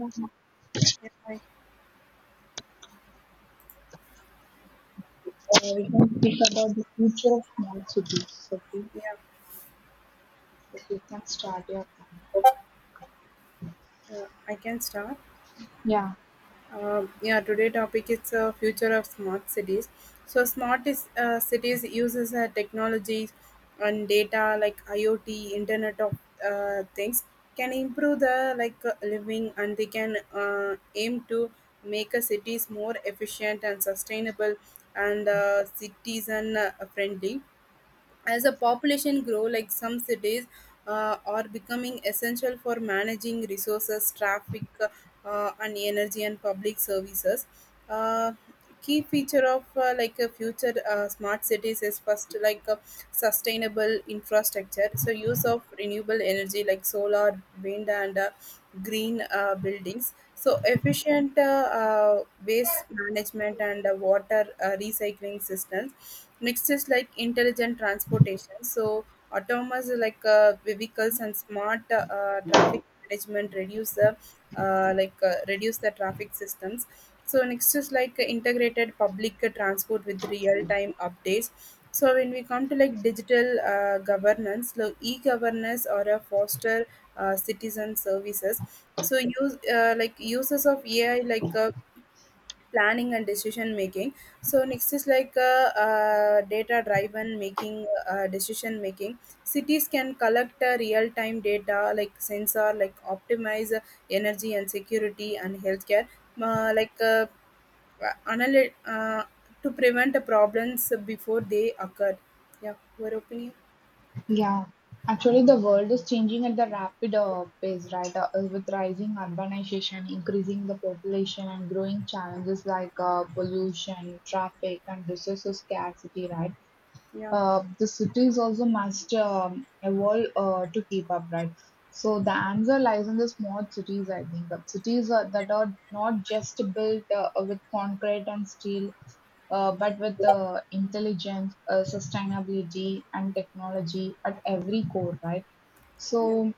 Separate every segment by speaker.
Speaker 1: We
Speaker 2: Yeah, I,
Speaker 1: can speak about the future of small cities. Okay,
Speaker 2: yeah,
Speaker 1: so you can start your point.
Speaker 2: I can start.
Speaker 1: Yeah,
Speaker 2: Yeah, today topic is the future of smart cities. So smart is, cities uses technologies and data like IoT, Internet of things, can improve the living, and they can aim to make a cities more efficient and sustainable and citizen friendly. As a population grow, like some cities are becoming essential for managing resources, traffic, and energy and public services. uh, Key feature of a future smart cities is first like a sustainable infrastructure, so use of renewable energy like solar, wind, and green buildings, so efficient waste management and water recycling systems. Next is like intelligent transportation. So autonomous vehicles and smart traffic management reduce the reduce the traffic systems. So next is like integrated public transport with real time updates. So when we come to like digital governance, so e-governance or a foster citizen services. So use uses of AI like planning and decision making. So next is like data driven making decision making. Cities can collect real time data like sensor, like optimize energy and security and healthcare, uh, like uh, analy- uh, to prevent the problems before they occur. Yeah, your opinion.
Speaker 1: yeah. Actually, the world is changing at the rapid pace, right? With rising urbanization, increasing the population, and growing challenges like pollution, traffic, and resources scarcity, right?
Speaker 2: Yeah.
Speaker 1: The cities also must evolve to keep up, right? So the answer lies in the smart cities, I think. Cities are, that are not just built with concrete and steel, but with intelligence, sustainability, and technology at every core, right?
Speaker 2: Yeah.
Speaker 1: So,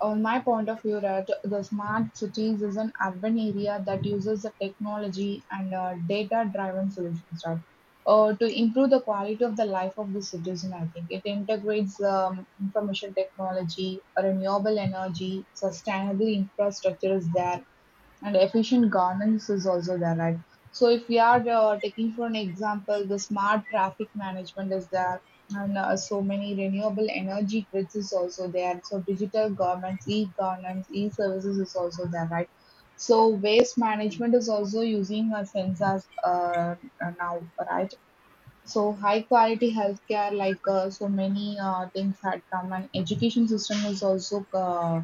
Speaker 1: on my point of view, that the smart cities is an urban area that uses the technology and data-driven solutions, right? To improve the quality of the life of the citizen, I think it integrates information technology, renewable energy, sustainable infrastructure is there, and efficient governance is also there, right? So if we are taking for an example, the smart traffic management is there, and so many renewable energy grids is also there. So digital governance, e-governance, e-services is also there, right? So waste management is also using sensors, now, right? So high quality healthcare, like so many things had come, and education system is also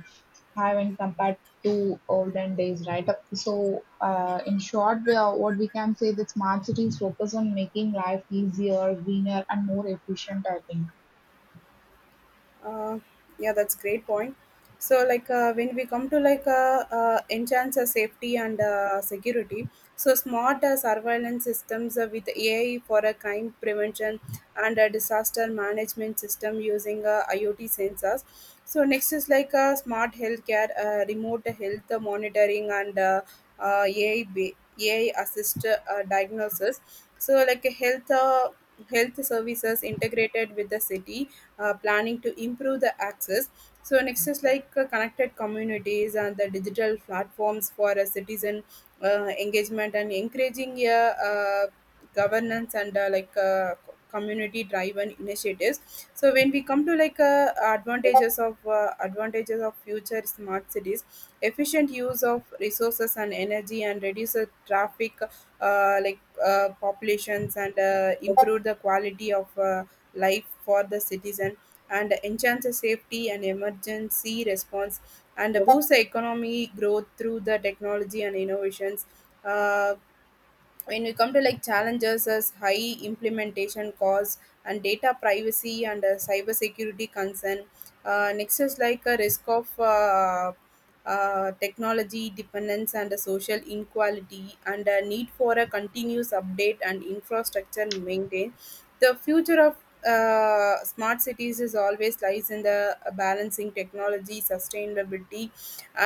Speaker 1: have when compared to olden days, right? So, in short, we are, what we can say that smart cities focus on making life easier, greener, and more efficient, I think.
Speaker 2: Uh, yeah, that's great point. So, when we come to enhance safety and security, so smart surveillance systems with AI for a crime prevention and a disaster management system using IoT sensors. So next is like smart healthcare, remote health monitoring, and uh, uh, AI ba- AI assist diagnosis. So like a health. Health services integrated with the city planning to improve the access. So next is like connected communities and the digital platforms for a citizen engagement and encouraging a governance and community driven initiatives. So when we come to advantages of future smart cities, efficient use of resources and energy, and reduce the traffic populations, and improve the quality of life for the citizen, and enhance the safety and emergency response, and boost the economy growth through the technology and innovations. Uh, when we come to like challenges as high implementation costs and data privacy and cyber security concern. Next is like a risk of technology dependence and a social inequality and a need for a continuous update and infrastructure maintain. The future of smart cities is always lies in the balancing technology, sustainability,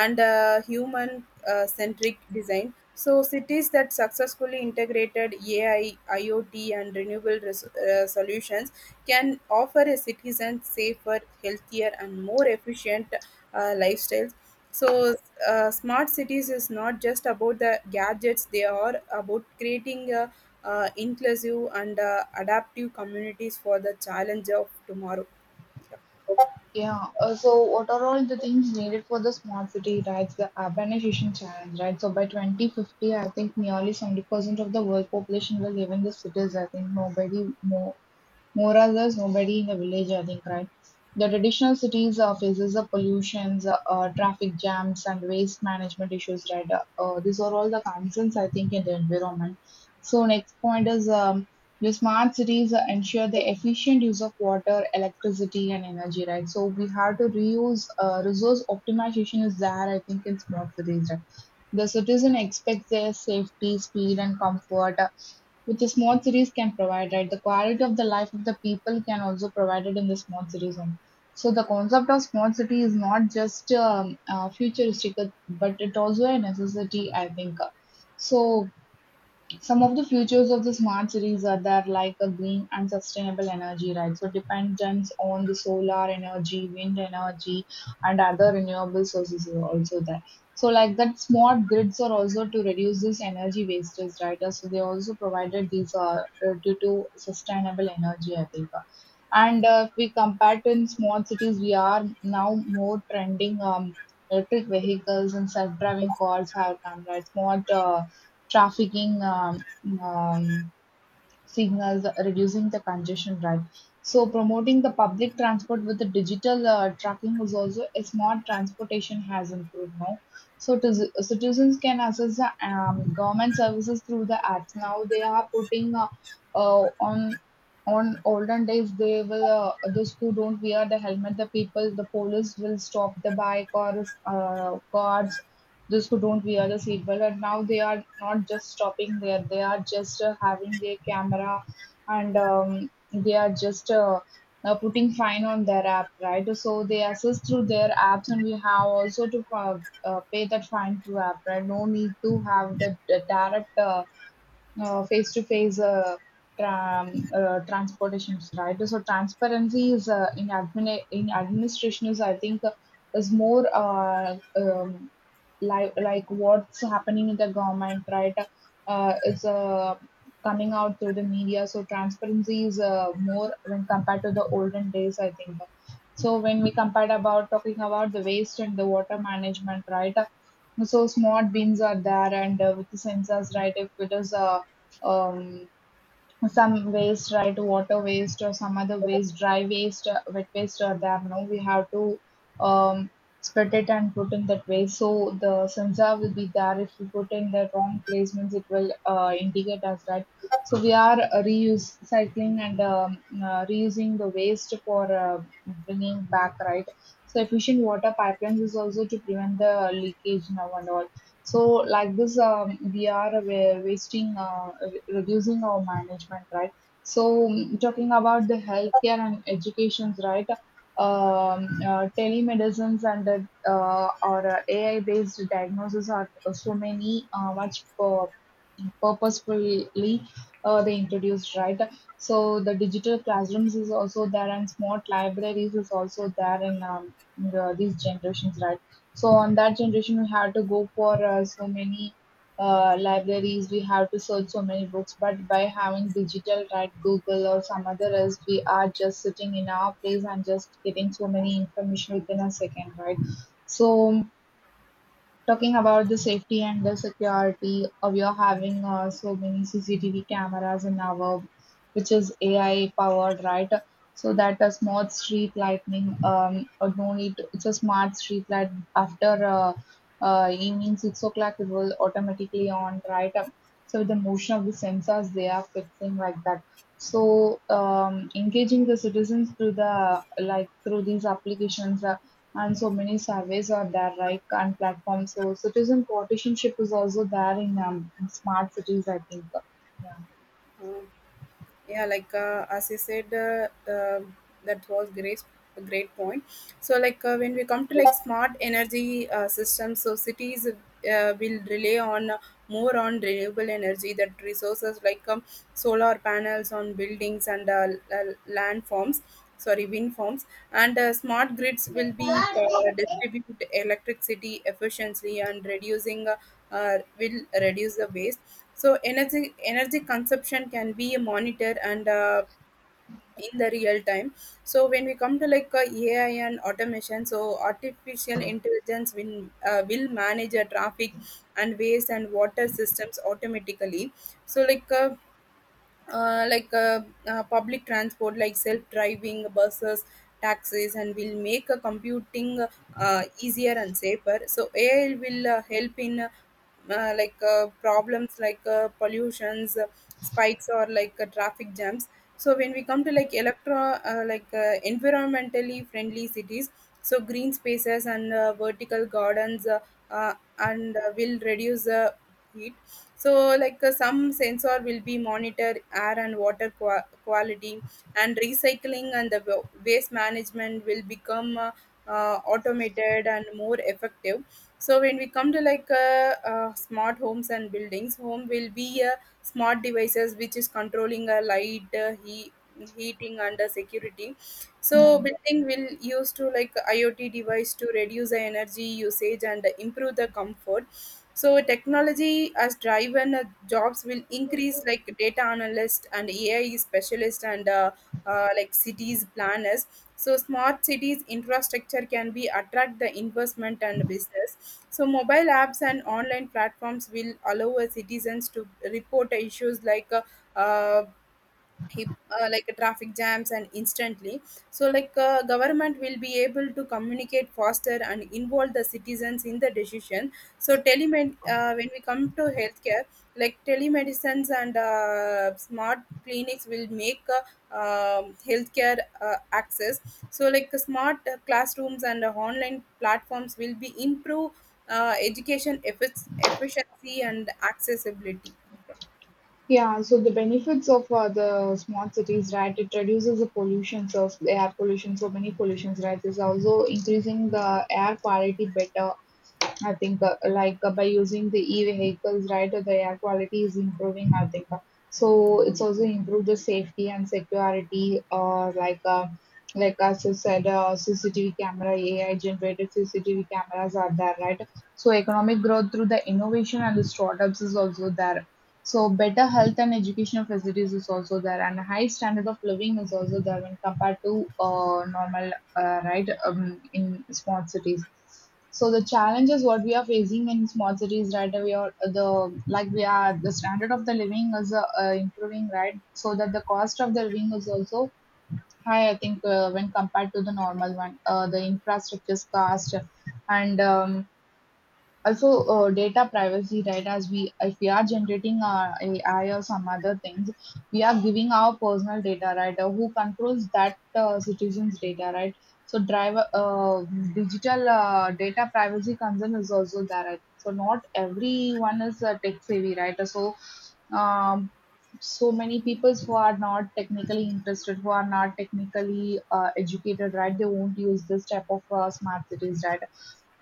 Speaker 2: and human centric design. So cities that successfully integrated AI, IoT, and renewable solutions can offer a citizen safer, healthier, and more efficient lifestyles. So smart cities is not just about the gadgets; they are about creating inclusive and adaptive communities for the challenge of tomorrow.
Speaker 1: Yeah, so what are all the things needed for the smart city, right? The urbanization challenge, right? So by 2050, I think nearly 70% of the world population will live in the cities. I think nobody more, more or less, nobody in the village, I think, right? The traditional cities city faces the pollutions, traffic jams, and waste management issues, right? These are all the concerns, I think, in the environment. So, next point is, the smart cities ensure the efficient use of water, electricity, and energy, right? So, we have to reuse resource optimization, is there, I think, in smart cities, right? The citizen expects their safety, speed, and comfort, which a small series can provide, right? The quality of the life of the people can also provided in the small cities only. So the concept of small city is not just futuristic, but it also a necessity, I think. So some of the features of the smart cities are that, like a green and sustainable energy, right? So dependence on the solar energy, wind energy, and other renewable sources are also there. So like that, smart grids are also to reduce this energy wastage, right? So they also provided these due to sustainable energy, I think. And if we compare to in small cities, we are now more trending electric vehicles and self-driving cars have come, right? Smart trafficking, um, signals, reducing the congestion, right? So promoting the public transport with the digital tracking is also a smart transportation has improved now. So to, citizens can access the government services through the apps. Now they are putting, uh, on on olden days they will, those who don't wear the helmet, the people, the police will stop the bike or guards, those who don't wear the seatbelt. And now they are not just stopping there, they are just having their camera, and they are just putting fine on their app, right? So they assist through their apps, and we have also to pay that fine through app, right? No need to have the direct face-to-face transportations, right? So transparency is in administration is, I think, is more, like what's happening in the government, right? Is coming out through the media. So transparency is more when compared to the olden days, I think. So when we compared about talking about the waste and the water management, right? So smart bins are there, and with the sensors, right? If it is, um, some waste, right? Water waste or some other waste, dry waste, wet waste are there. No, we have to, um, split it and put in that waste. So the sensor will be there. If you put in the wrong placements, it will indicate us, right? So we are reuse cycling and reusing the waste for bringing back, right? So efficient water pipelines is also to prevent the leakage now and all. So like this, we are wasting, reducing our management, right? So mm, talking about the healthcare and educations, right? Telemedicines and or AI-based diagnosis are so many much purposefully they introduced, right? So the digital classrooms is also there, and smart libraries is also there in these generations, right? So on that generation we had to go for so many libraries, we have to search so many books. But by having digital, right, google or some other else, we are just sitting in our place and just getting so many information within a second, right? So talking about the safety and the security of your having so many CCTV cameras in our, which is AI powered, right? So that a smart street lighting, or no need. It's a smart street light. After evening 6 o'clock, it will automatically on, right? So the motion of the sensors, they are fixing like that. So engaging the citizens through the, like through these applications. And so many surveys are there, right, and platforms. So citizen partisanship is also there in smart cities, I think.
Speaker 2: Uh, yeah, like as you said that was great a great point. So when we come to like smart energy systems, so cities will rely on more on renewable energy that resources like solar panels on buildings and land farms, sorry, wind farms, and smart grids
Speaker 1: Yeah.
Speaker 2: will be distribute electricity efficiently and reducing will reduce the waste. So energy consumption can be monitored and in the real time. So when we come to ai and automation, so artificial intelligence will manage a traffic and waste and water systems automatically. So public transport like self-driving buses, taxis, and will make computing easier and safer. So ai will help in problems like pollutions spikes or traffic jams. So when we come to like environmentally friendly cities, so green spaces and vertical gardens and will reduce heat. So some sensor will be monitor air and water quality, and recycling and the waste management will become automated and more effective. So when we come to smart homes and buildings, home will be a smart devices which is controlling a light, heating, and security.
Speaker 1: Yeah.
Speaker 2: So building will use to like iot device to reduce the energy usage and improve the comfort. So technology as driven jobs will increase like data analyst and ai specialist and cities planners. So smart cities infrastructure can be attract the investment and business. So mobile apps and online platforms will allow a citizens to report issues uh, like traffic jams and instantly. So government will be able to communicate faster and involve the citizens in the decision. So telemed when we come to healthcare, like telemedicines and smart clinics will make healthcare access. So smart classrooms and online platforms will be improve education efficiency and accessibility.
Speaker 1: Yeah, so the benefits of the smart cities, right? It reduces the pollution, so air pollution, so many pollutions, right? It's also increasing the air quality better, I think, by using the e-vehicles, right, the air quality is improving, I think so. It's also improved the safety and security. Or like, as you said, CCTV camera, AI generated CCTV cameras are there, right? So economic growth through the innovation and the startups is also there. So better health and educational facilities is also there, and high standard of living is also there when compared to normal, right, in small cities. So the challenges what we are facing in small cities right away, or the, like, we are, the standard of the living is improving, right? So that the cost of the living is also high, I think, when compared to the normal one, the infrastructure cost, and also data privacy, right? As we, if we are generating our ai or some other things, we are giving our personal data, right? Who controls that citizens data, right? So driver, digital, data privacy concern is also there, I think. So not everyone is tech savvy, right? So, um, so many people who are not technically interested, who are not technically educated, right, they won't use this type of smart cities, right?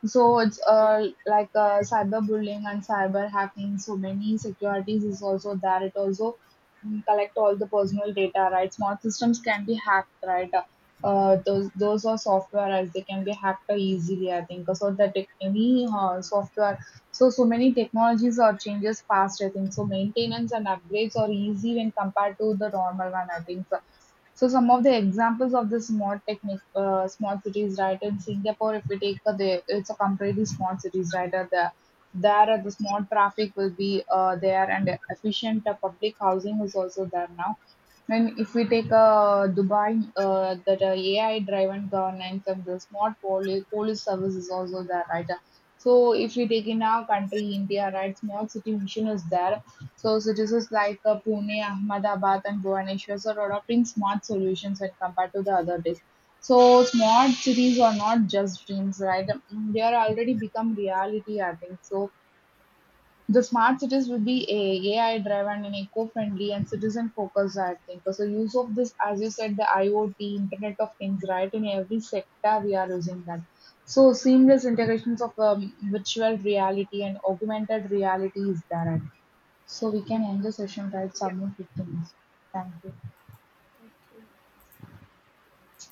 Speaker 1: So it's
Speaker 2: Yeah.
Speaker 1: cyberbullying and cyber hacking. So many securities is also there. It also mm, collect all the personal data, right? Smart systems can be hacked, right? Those are software as they can be hacked easily, I think, so that any software. So so many technologies are changes fast, I think so. Maintenance and upgrades are easy when compared to the normal one, I think so. So some of the examples of this mod technique, small cities, right? In Singapore, if we take it's a completely small cities, right? The small traffic will be there, and efficient public housing is also there now. And if we take Dubai, that AI-driven governance and the smart police service is also there, right? So if we take in our country, India, right, small city mission is there. So cities like Pune, Ahmedabad, and Bhubaneswar are adopting smart solutions when compared to the other days. So smart cities are not just dreams, right? Mm, they are already become reality, I think. So the smart cities will be a AI-driven and eco-friendly and citizen-focused, I think. So use of this, as you said, the IoT, Internet of Things, right? In every sector, we are using that. So seamless integrations of virtual reality and augmented reality is there. So we
Speaker 2: Yeah,
Speaker 1: can end the session, right?
Speaker 2: yeah.
Speaker 1: Submit 15 minutes. Thank you.